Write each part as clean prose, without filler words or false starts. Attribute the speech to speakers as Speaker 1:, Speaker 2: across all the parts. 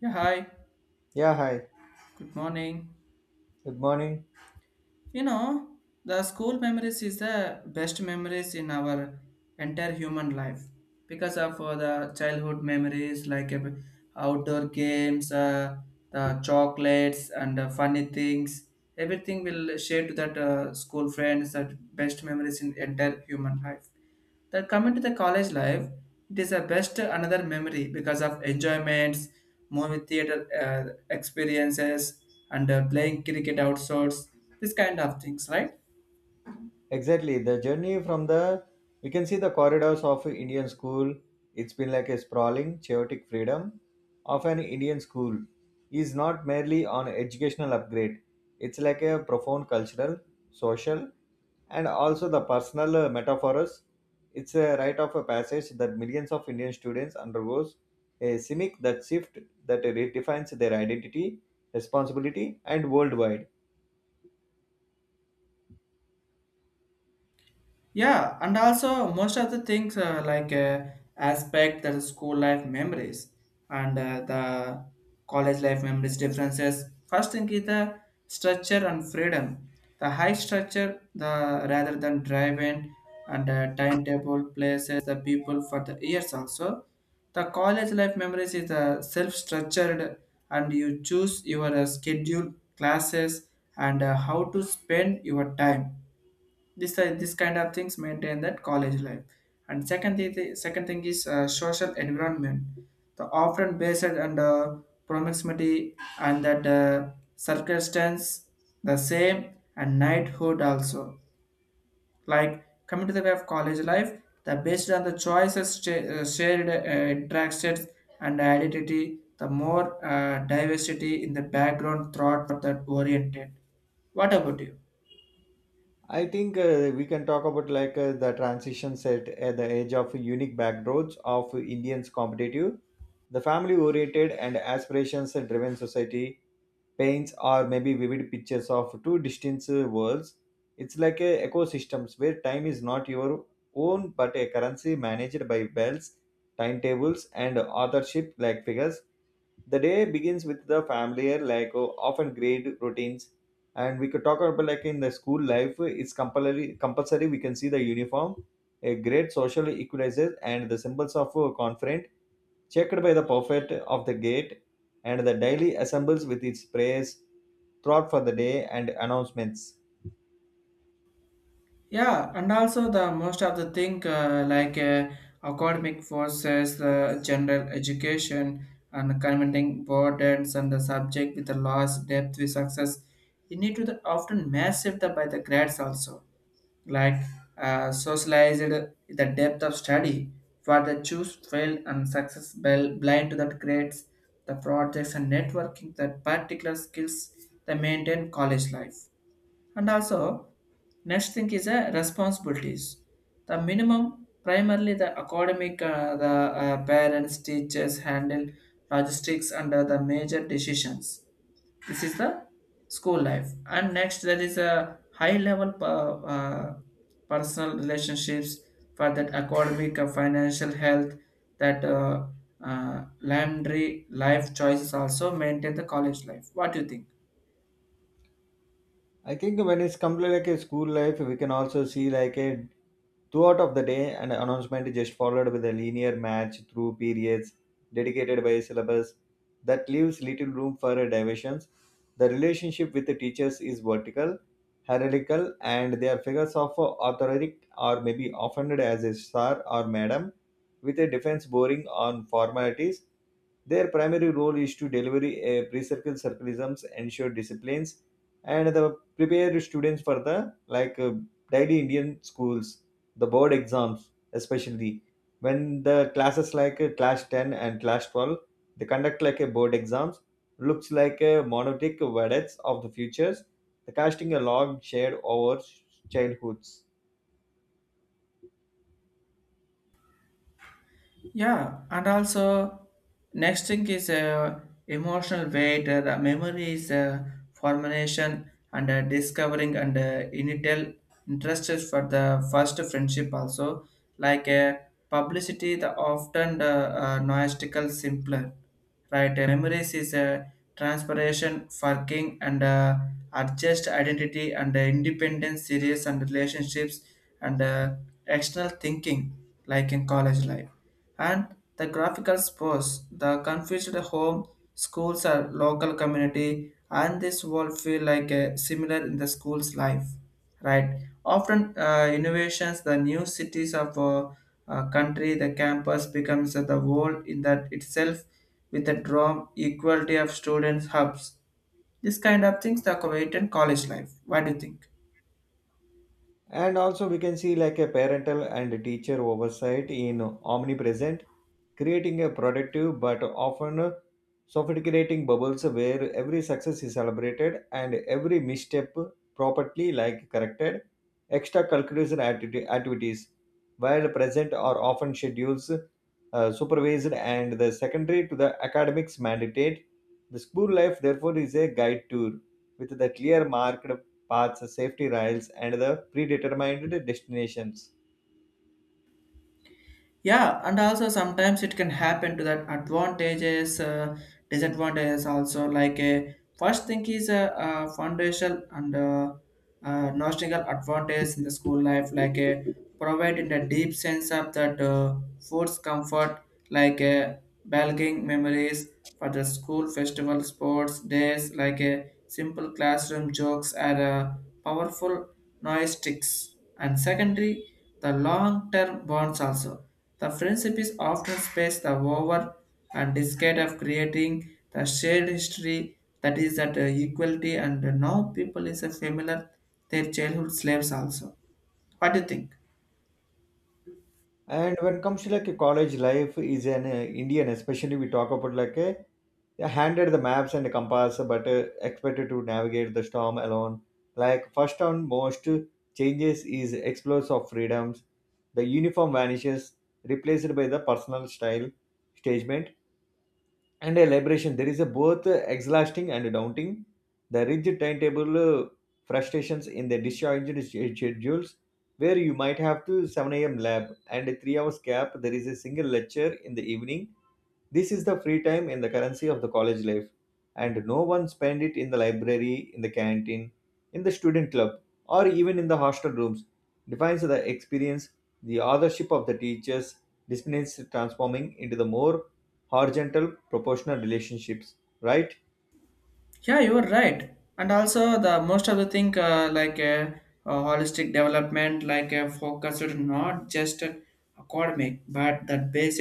Speaker 1: Yeah, hi.
Speaker 2: Yeah, hi.
Speaker 1: Good morning.
Speaker 2: Good morning.
Speaker 1: You know, the school memories is the best memories in our entire human life because of the childhood memories like outdoor games, the chocolates and funny things. Everything will share to that school friends that best memories in entire human life. Then coming to the college life, it is a best another memory because of enjoyments, movie theater experiences, and playing cricket outdoors, this kind of things, right?
Speaker 2: Exactly. The journey from the we can see the corridors of Indian school. It's been like a sprawling, chaotic freedom of an Indian school is not merely on educational upgrade. It's like a profound cultural, social, and also the personal metaphors. It's a rite of a passage that millions of Indian students undergoes a simic that shift that redefines their identity, responsibility, and worldwide.
Speaker 1: Yeah, and also most of the things like aspect that is school life memories and the college life memories differences. First thing is the structure and freedom. The high structure, the rather than driving and timetable places the people for the years also. The college life memories is the self-structured and you choose your schedule, classes, and how to spend your time this this kind of things maintain that college life, and second thing, the second thing is social environment the often based on the proximity and that circumstance the same and knighthood also, like coming to the way of college life the based on the choices shared interactions and identity the more diversity in the background thought for that oriented. What about you?
Speaker 2: I think we can talk about like the transitions at the edge of unique backdrops of Indians competitive, the family oriented and aspirations driven society paints or maybe vivid pictures of two distinct worlds. It's like a ecosystems where time is not your own but a currency managed by bells, timetables and authorship like figures. The day begins with the familiar, like often great routines. And we could talk about like in the school life it's compulsory we can see the uniform, a great social equalizer and the symbols of a conference checked by the prophet of the gate and the daily assembles with its prayers, thought for the day and announcements.
Speaker 1: Yeah, and also the most of the thing like academic forces, general education, and commenting burdens and the subject with the loss, depth with success, you need to the often massive the, by the grades also, like socialized the depth of study for the choose fail and success blind to that grades, the projects and networking that particular skills they maintain college life, and also, next thing is a responsibilities. The minimum, primarily the academic, the parents, teachers handle logistics under the major decisions. This is the school life. And next, there is a high level personal relationships for that academic, financial health, that laundry life choices also maintain the college life. What do you think?
Speaker 2: I think when it's completely like a school life, we can also see like a throughout of the day an announcement is just followed with a linear match through periods dedicated by a syllabus that leaves little room for diversions. The relationship with the teachers is vertical, hierarchical, and they are figures of authority or maybe offended as a sir or madam, with a defense boring on formalities. Their primary role is to deliver a pre-circle circleisms, ensure disciplines, and the prepare students for the like uh, daily Indian schools, the board exams, especially when the classes like class 10 and class 12 they conduct like a board exams, looks like a monolithic verdicts of the futures, the casting a long shade over childhoods.
Speaker 1: Yeah, and also next thing is emotional weight, the memory is formation and discovering and initial interests for the first friendship also, like publicity the often noistical simpler, right? Memories is a transpiration for and adjust identity and independence series and relationships and external thinking like in college life and the graphical sports, the confused home, schools are local community, and this world feel like a similar in the school's life, right? Often innovations, the new cities of country, the campus becomes the world in that itself with the drum equality of students hubs. This kind of things the Kuwaitan college life. What do you think?
Speaker 2: And also we can see like a parental and teacher oversight in omnipresent, creating a productive but often sophisticating bubbles where every success is celebrated and every misstep properly like corrected. Activities, while present, are often schedules, supervised and the secondary to the academics mandate. The school life therefore is a guide tour with the clear marked paths, safety rails, and the predetermined destinations.
Speaker 1: Yeah, and also sometimes it can happen to that advantages, disadvantages also. Like a first thing is a, foundational and notional advantage in the school life, like a providing the deep sense of that food's comfort, like a belonging memories for the school festival, sports days, like a simple classroom jokes are powerful noise sticks. And secondly, the long-term bonds also, the friendship is often spaced the over and decade of creating the shared history that is that equality and now people is a familiar their childhood slaves also. What do you think?
Speaker 2: And when it comes to like a college life is an Indian, especially we talk about like a yeah, handed the maps and the compass, but expected to navigate the storm alone. Like first and most changes is explores of freedoms. The uniform vanishes, replaced by the personal style statement and a liberation. There is a both exhausting and daunting. The rigid timetable frustrations in the discharged schedules, where you might have to 7 a.m. lab and a 3 hours gap. There is a single lecture in the evening. This is the free time in the currency of the college life, and no one spend it in the library, in the canteen, in the student club, or even in the hostel rooms. Defines the experience, the authorship of the teachers, disciplines transforming into the more horizontal proportional relationships, right?
Speaker 1: Yeah, you are right. And also the most of the thing like holistic development, like focused not just academic, but that based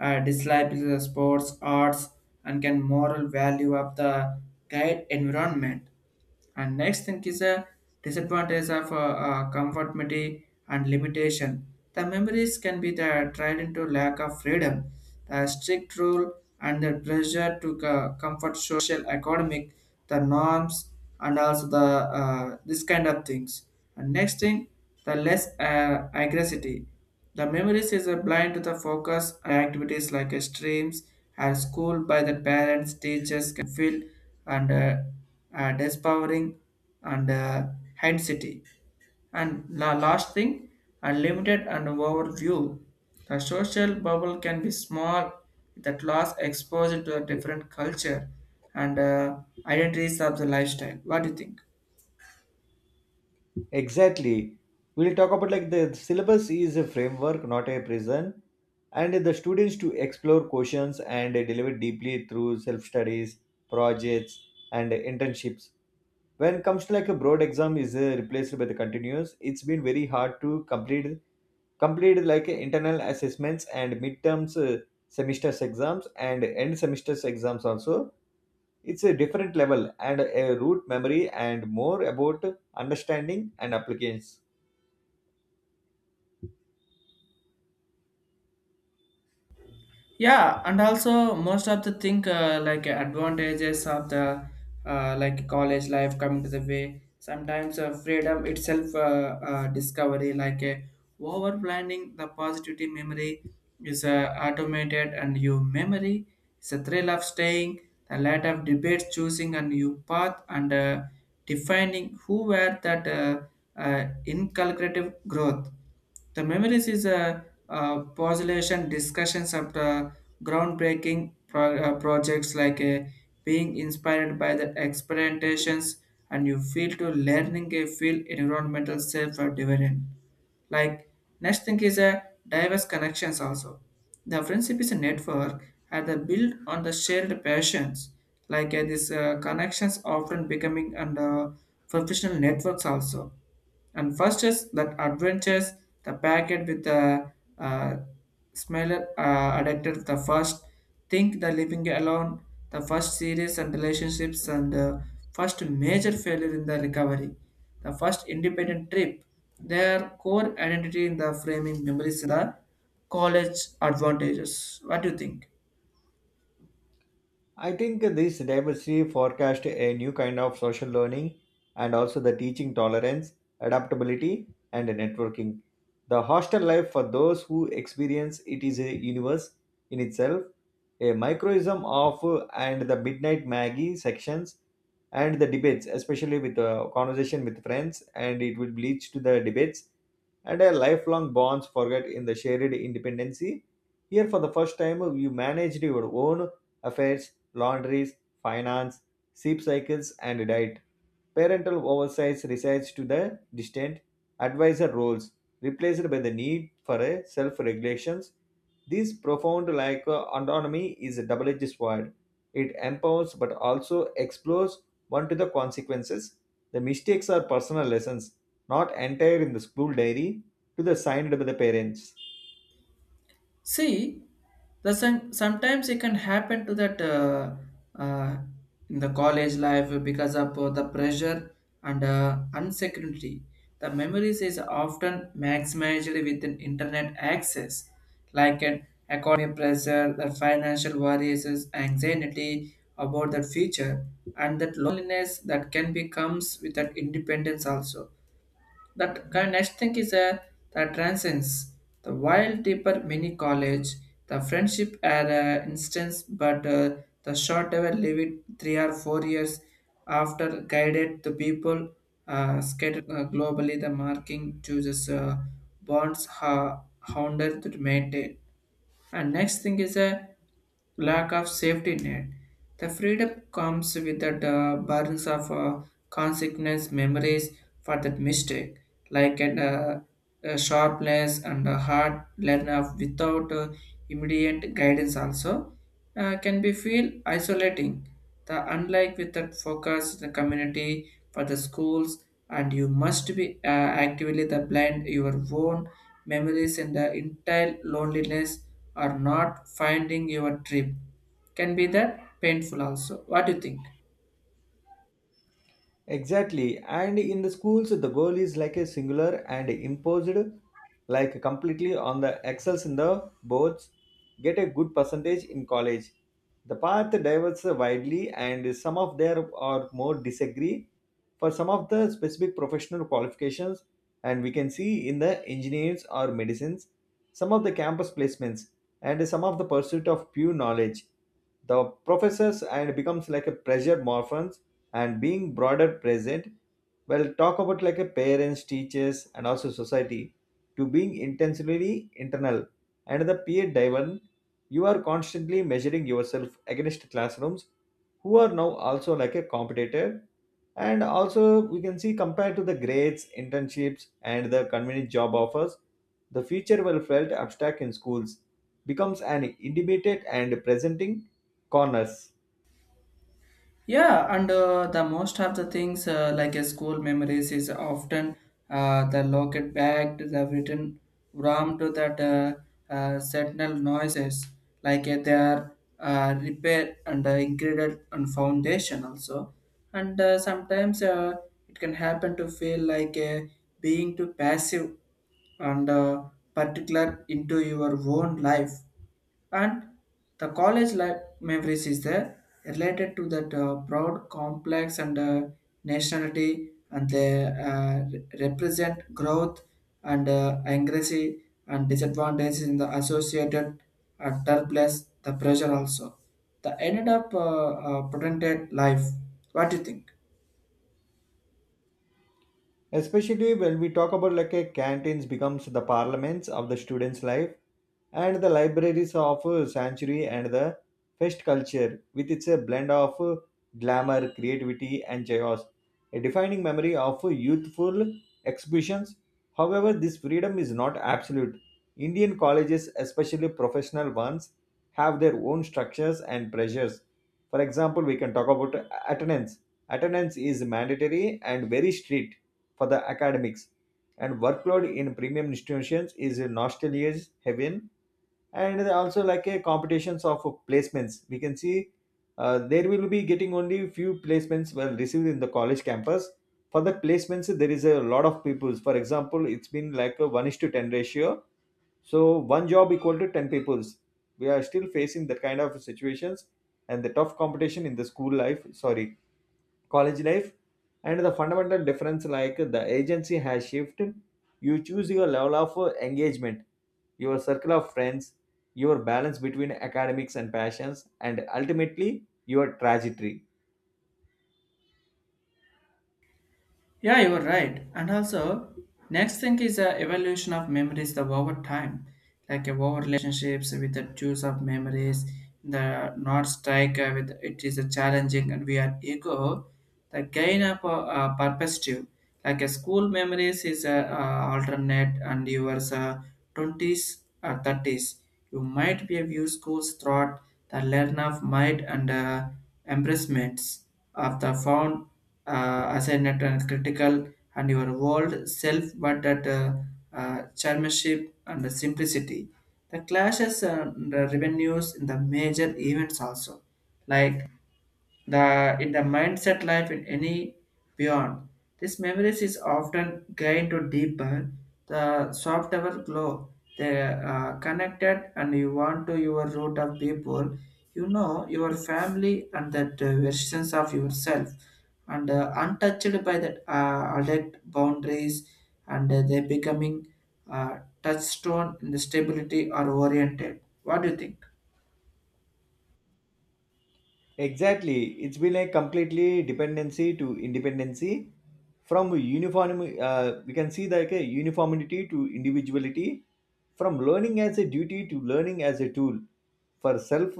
Speaker 1: dislike is the sports, arts, and can moral value of the guide environment. And next thing is a disadvantage of conformity and limitation. The memories can be the tried into lack of freedom, the strict rule and the pressure to comfort social, economic, the norms and also the this kind of things. And next thing, the less aggressivity. The memories is a blind to the focus activities like a streams and school by the parents, teachers can feel and disempowering and intensity. And last thing, unlimited and overview. The social bubble can be small that lost exposure to a different culture and identities of the lifestyle. What do you think?
Speaker 2: Exactly. We'll talk about like the syllabus is a framework, not a prison, and the students to explore questions and deliver deeply through self studies, projects, and internships. When it comes to like a broad exam is replaced by the continuous, it's been very hard to complete like internal assessments and midterms, semesters exams, and end semesters exams also. It's a different level and a root memory and more about understanding and application.
Speaker 1: Yeah, and also most of the thing like advantages of the like college life coming to the way sometimes freedom itself discovery like over planning the positivity memory is automated and your memory is a thrill of staying the light of debates choosing a new path and defining who were that inculcative growth the Memories is a, postulation discussions of the groundbreaking projects like a, being inspired by the experimentations and you feel to learning a feel environmental self or different. Like next thing is a diverse connections also. The friendship is a network and the build on the shared passions. Like these connections often becoming under professional networks also, and first is that adventures, the packet with the uh, smiler addicted the first think the living alone, the first series and relationships and first major failure in the recovery, the first independent trip, their core identity in the framing memories the college advantages. What do you think?
Speaker 2: I think this diversity forecast a new kind of social learning and also the teaching tolerance, adaptability, and networking. The hostel life for those who experience it is a universe in itself, a microism of and the midnight Maggie sections and the debates, especially with conversation with friends, and it will lead to the debates and a lifelong bonds forget in the shared independency. Here, for the first time, you managed your own affairs, laundries, finance, sleep cycles, and diet. Parental oversight resides to the distant advisor roles, replaced by the need for a self-regulations. This profound lack of autonomy is a double-edged sword. It empowers but also explores one to the consequences. The mistakes are personal lessons, not entire in the school diary to the signed by the parents.
Speaker 1: See, sometimes it can happen to that uh, in the college life because of the pressure and uncertainty. The memories is often maximized with an internet access, like an economic pressure, the financial worries, anxiety about the future, and that loneliness that can be comes with that independence also, that kind next thing is a that transcends the wild deeper mini college. The friendship at an instance, but the short ever live it 3 or 4 years after guided the people scattered globally. The marking chooses bonds hounded to maintain. And next thing is a lack of safety net. The freedom comes with the burdens of consequence memories for that mistake, like a sharpness and a hard learner without immediate guidance also, can be feel isolating. The unlike with that focus the community for the schools, and you must be actively the blind your own memories and the entire loneliness are not finding your trip. Can be that painful also. What do you think?
Speaker 2: Exactly. And in the schools, the goal is like a singular and imposed, like completely on the excels in the boards, get a good percentage in college. The path diverges widely, and some of there are more disagree for some of the specific professional qualifications. And we can see in the engineers or medicines, some of the campus placements, and some of the pursuit of pure knowledge. The professors and becomes like a pressure morphins and being broader present. Well talk about like a parents teachers and also society to being intentionally internal and the peer driven. You are constantly measuring yourself against classrooms who are now also like a competitor, and also we can see compared to the grades internships and the convenient job offers. The future well felt abstract in schools becomes an intimate and presenting corners,
Speaker 1: Yeah, and the most of the things like a school memories is often the locket bag, the written ram to that sentinel noises like they are repair and ingredient and foundation also, and sometimes it can happen to feel like being too passive and particular into your own life, and the college life memories is there related to that broad complex and nationality and they represent growth and anxiety and disadvantages in the associated turbulence the pressure also the ended up potential life. What do you think?
Speaker 2: especially when we talk about like a canteens becomes the parliaments of the students life and the libraries of sanctuary, and the fest culture with its a blend of glamour, creativity and chaos, a defining memory of youthful exhibitions. However, this freedom is not absolute. Indian colleges, especially professional ones, have their own structures and pressures. For example, we can talk about attendance. Attendance is mandatory and very strict for the academics, and workload in premium institutions is a nostalgia's heaven. And also like a competitions of placements, we can see there will be getting only few placements well received in the college campus. For the placements, there is a lot of peoples. For example, it's been like a one is to ten ratio. So one job equal to ten peoples. We are still facing that kind of situations and the tough competition in the school life. Sorry, college life. And the fundamental difference like the agency has shifted. You choose your level of engagement, your circle of friends, your balance between academics and passions, and ultimately your trajectory.
Speaker 1: Yeah, you're right. And also, next thing is the evolution of memories the over time, like over relationships with the choice of memories, the not strike with it is a challenging and we are ego, the gain of perspective, like a school memories is a alternate and yours 20s or 30s. You might be a view schools throughout the learn of might and embracements of the found ascendant and critical and your world self but that chairmanship and the simplicity the clashes and the revenues in the major events also, like the in the mindset life in any beyond. This memories is often gained to deeper the soft level glow. They are connected and you want to your root of people, you know your family and that versions of yourself and untouched by that adult boundaries and they becoming touchstone in the stability or oriented. What do you think?
Speaker 2: Exactly. It's been a completely dependency to independency from uniform. We can see like a uniformity to individuality, from learning as a duty to learning as a tool. For self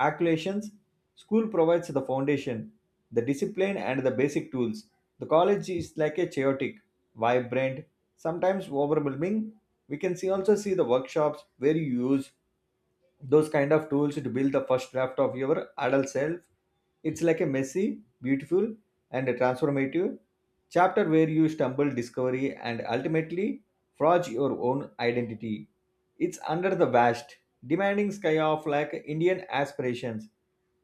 Speaker 2: accumulations, school provides the foundation, the discipline, and the basic tools. The college is like a chaotic, vibrant, sometimes overwhelming. We can see also see the workshops where you use those kind of tools to build the first draft of your adult self. It's like a messy, beautiful and a transformative chapter where you stumble discovery and ultimately forge your own identity. It's under the vast demanding sky of like Indian aspirations.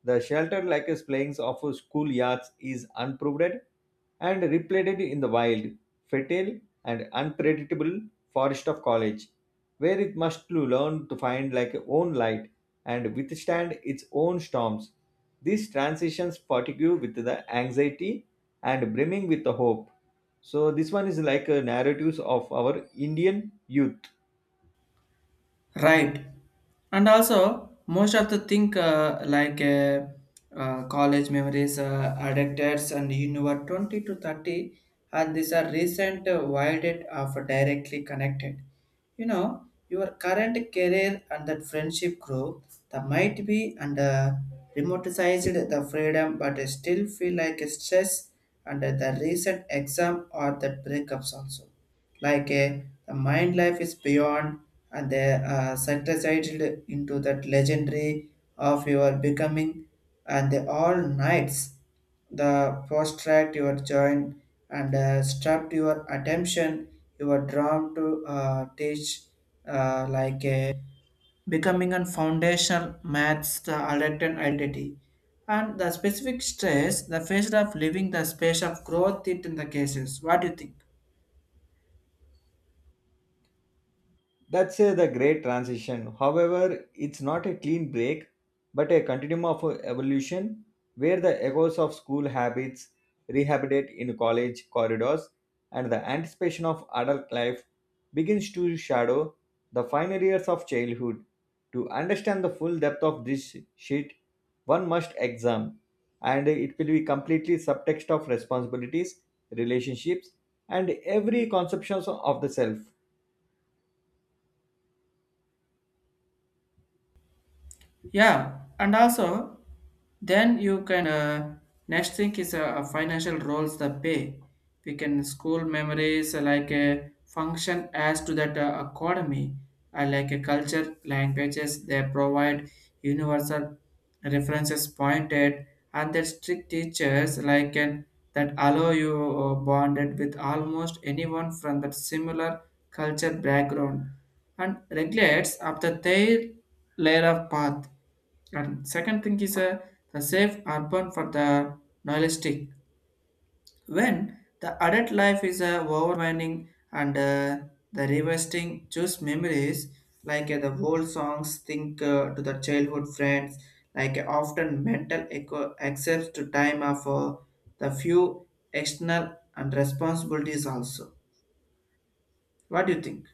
Speaker 2: The shelter like a playings of schoolyards is unproved and repleted in the wild, fertile and unpredictable forest of college, where it must to learn to find like own light and withstand its own storms. These transitions fatigue with the anxiety and brimming with the hope. So this one is like a narratives of our Indian youth.
Speaker 1: Right. And also, most of the think like college memories, adapters, and you were 20 to 30, and these are recent wilded of directly connected. You know, your current career and that friendship group, that might be and remoticized the freedom, but I still feel like a stress under the recent exam or the breakups also, like a the mind life is beyond and they synthesized into that legendary of your becoming and the all nights the prostrate your joint and strapped your attention, you were drawn to teach like a becoming a foundational maths the elected identity and the specific stress the phase of living the space of growth it in the cases. What do you think?
Speaker 2: That's the great transition. However, it's not a clean break, but a continuum of evolution where the echoes of school habits rehabilitate in college corridors and the anticipation of adult life begins to shadow the final years of childhood. To understand the full depth of this sheet, one must examine, and it will be completely subtext of responsibilities, relationships, and every conception of the self.
Speaker 1: Yeah, and also then you can next thing is financial roles the pay. We can school memories like a function as to that economy, like a culture, languages. They provide universal references pointed, and the strict teachers like an that allow you bonded with almost anyone from that similar culture background and regulates after their layer of path. And second thing is the safe urban for the nihilistic. When the adult life is overwhelming and the revisiting choose memories like the old songs think to the childhood friends like often mental echo accepts to time of the few external and responsibilities also. What do you think?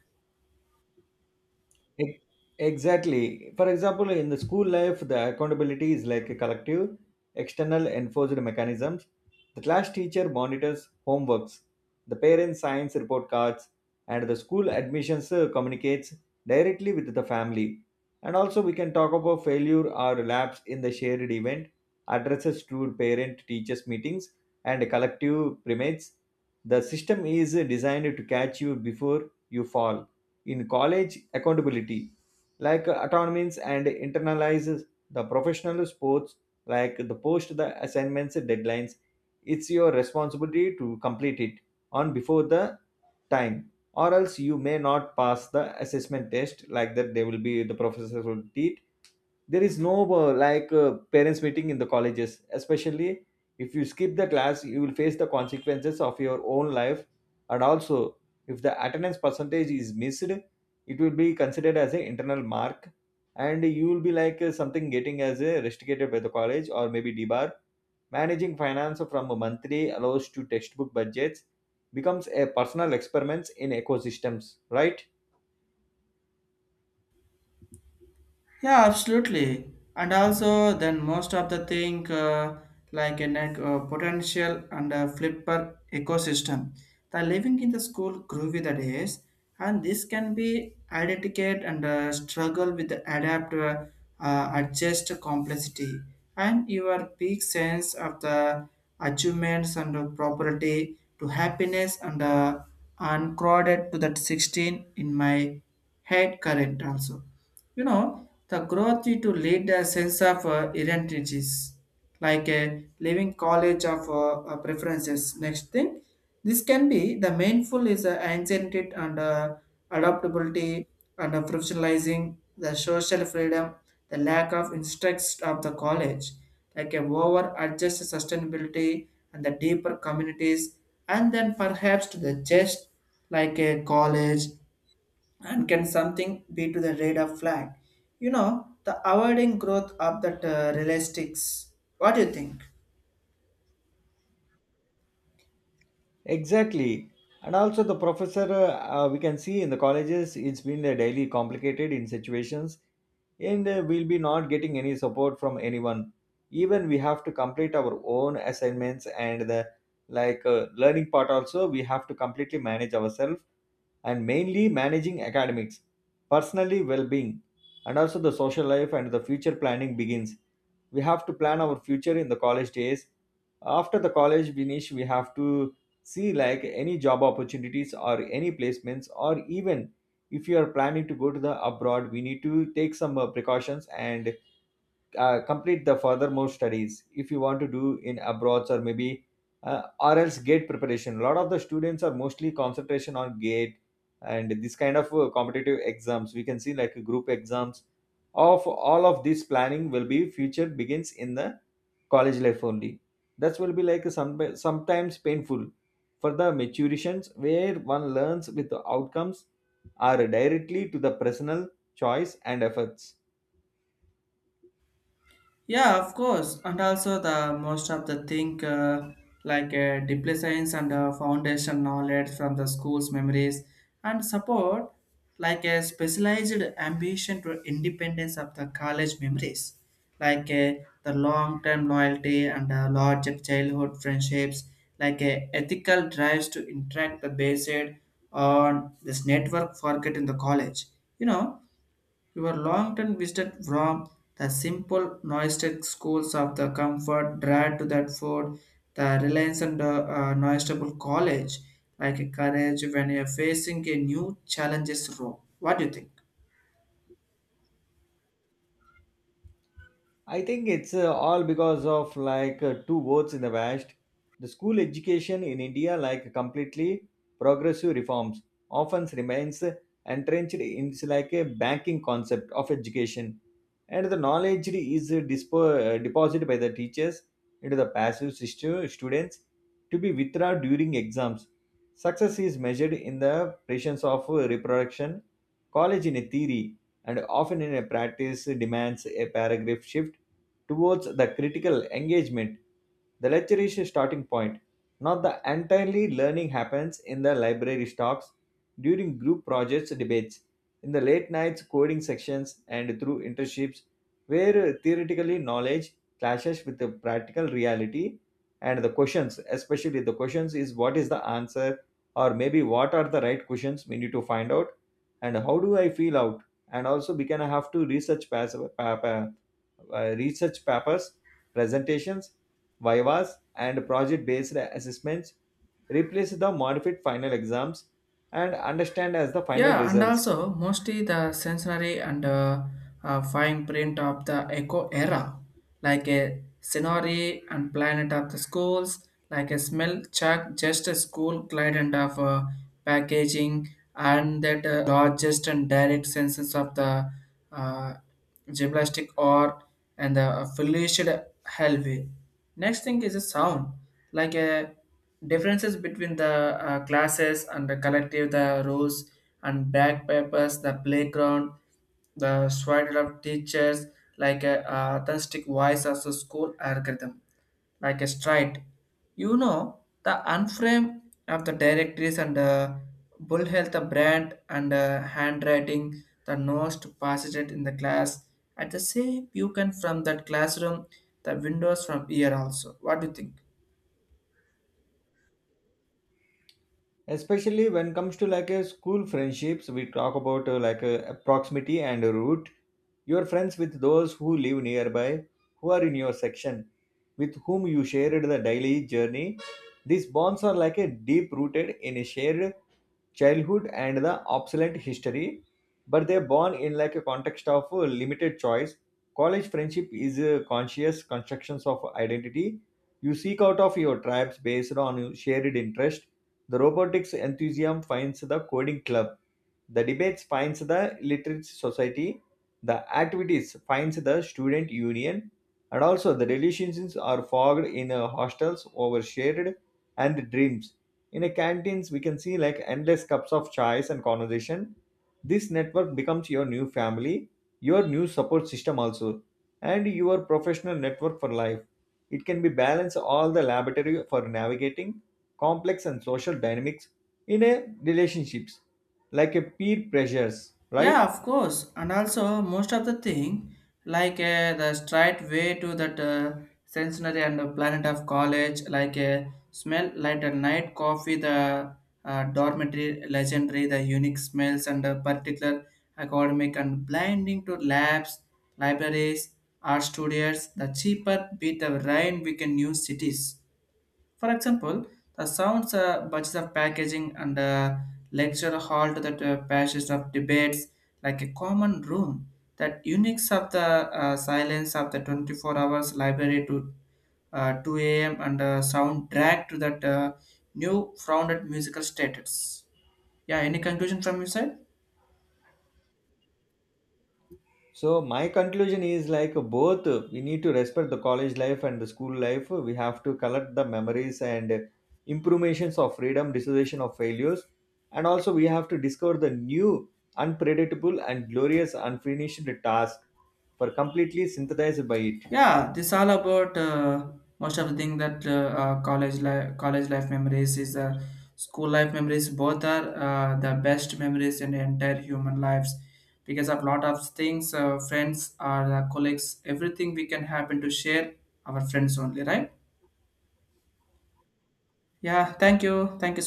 Speaker 2: E- Exactly. For example, in the school life, the accountability is like a collective, external enforced mechanisms. The class teacher monitors homeworks, the parents signs report cards, and the school admissions communicates directly with the family. And also, we can talk about failure or lapse in the shared event, addresses to parent teachers meetings, and collective primates. The system is designed to catch you before you fall in college accountability, like autonomies and internalizes the professional sports like the post the assignments deadlines. It's your responsibility to complete it on before the time, or else you may not pass the assessment test. Like that there will be the professors will teach. There is no parents meeting in the colleges, especially if you skip the class you will face the consequences of your own life. And also, if the attendance percentage is missed, it will be considered as an internal mark, and you will be like something getting as a restricted by the college or maybe debar. Managing finance from a monthly allows to textbook budgets becomes a personal experiments in ecosystems, right?
Speaker 1: Yeah, absolutely. And also, then most of the thing like a net, potential and a flipper ecosystem. The living in the school groovy the days, and this can be identified and struggle with the adjust complexity, and your peak sense of the achievements and the property to happiness and uncrowded to that 16 in my head current also, you know, the growth to lead a sense of identities, like a living college of preferences. Next thing, this can be the mindful is anxiety and adaptability and professionalizing the social freedom, the lack of instructs of the college, like a over adjust sustainability and the deeper communities, and then perhaps to the just like a college and can something be to the radar flag? You know, the avoiding growth of that realistics. What do you think?
Speaker 2: Exactly. And also the professor, we can see in the colleges, it's been daily complicated in situations, and we'll be not getting any support from anyone. Even we have to complete our own assignments and the like learning part also, we have to completely manage ourselves and mainly managing academics, personally well-being, and also the social life and the future planning begins, we have to plan our future in the college days. After the college finish, we have to see like any job opportunities or any placements, or even if you are planning to go to the abroad we need to take some precautions and complete the furthermore studies if you want to do in abroads, or maybe or else gate preparation. A lot of the students are mostly concentration on gate and this kind of competitive exams, we can see like group exams. Of all of this planning will be future begins in the college life only. That will be like sometimes painful for the maturations, where one learns with the outcomes are directly to the personal choice and efforts.
Speaker 1: Yeah, of course. And also the most of the thing like display science and foundation knowledge from the school's memories and support like a specialized ambition to independence of the college memories like the long-term loyalty and larger childhood friendships like a ethical drives to interact the based on this network forget in the college, you know, you were long term visited from the simple noistic schools of the comfort dragged to that food, the reliance on the noistable college, like a courage when you're facing a new challenges row. What do you think?
Speaker 2: I think it's all because of like two votes in the West. The school education in India, like completely progressive reforms, often remains entrenched in it's like a banking concept of education, and the knowledge is deposited by the teachers into the passive students, to be withdrawn during exams. Success is measured in the presence of reproduction. College in a theory, and often in a practice, demands a paragraph shift towards the critical engagement. The lecture is a starting point, not the entirely learning happens in the library talks, during group projects, debates, in the late nights coding sections, and through internships where theoretically knowledge clashes with the practical reality. And the questions, especially the questions, is what is the answer, or maybe what are the right questions we need to find out, and how do I feel out. And also we can have to research research papers, presentations, vivas, and project based assessments replace the modified final exams and understand as the final
Speaker 1: Yeah, and
Speaker 2: results.
Speaker 1: also mostly the sensory and fine print of the eco era, like a scenery and planet of the schools, like a smell check, just a school client of packaging, and that largest and direct senses of the uh, gymnastic or and the affiliated hellway. Next thing is a sound, like a differences between the classes and the collective the rules and back papers, the playground, the swagger of teachers like a authentic voice of the school algorithm like a stride, you know, the unframe of the directories and bull health the brand and handwriting the most to passage it in the class at the same you can from that classroom the windows from here also. What do you think?
Speaker 2: Especially when comes to like a school friendships, we talk about like a proximity and root. Your friends with those who live nearby, who are in your section, with whom you shared the daily journey. These bonds are like a deep rooted in a shared childhood and the obsolete history, but they're born in like a context of limited choice. College friendship is a conscious constructions of identity. You seek out of your tribes based on your shared interest. The robotics enthusiasm finds the coding club. The debates finds the literate society. The activities finds the student union. And also the relationships are forged in hostels over shared and dreams, in a canteens, we can see like endless cups of chais and conversation. This network becomes your new family, your new support system also, and your professional network for life. It can be balanced all the laboratory for navigating complex and social dynamics in a relationships, like a peer pressures,
Speaker 1: Yeah,
Speaker 2: right?
Speaker 1: of course. And also, most of the thing, like the straight way to that sensory and the planet of college, like smell light and night coffee, the dormitory legendary, the unique smells and the particular academic and blinding to labs, libraries, art studios, the cheaper beat the rain we can use cities, for example, the sounds, budgets of packaging, and lecture hall to the passions of debates, like a common room, that uniques of the silence of the 24 hours library to 2 a.m. and sound dragged to that new founded musical status. Yeah, any conclusion from your side?
Speaker 2: So my conclusion is like both, we need to respect the college life and the school life. We have to collect the memories and improvisations of freedom, dissociation of failures, and also we have to discover the new, unpredictable and glorious unfinished task for completely synthesized by it.
Speaker 1: Yeah, this all about most of the thing that college life memories is school life memories. Both are the best memories in the entire human lives because of lot of things, friends or colleagues, everything we can happen to share our friends only, right? Yeah, thank you, thank you. So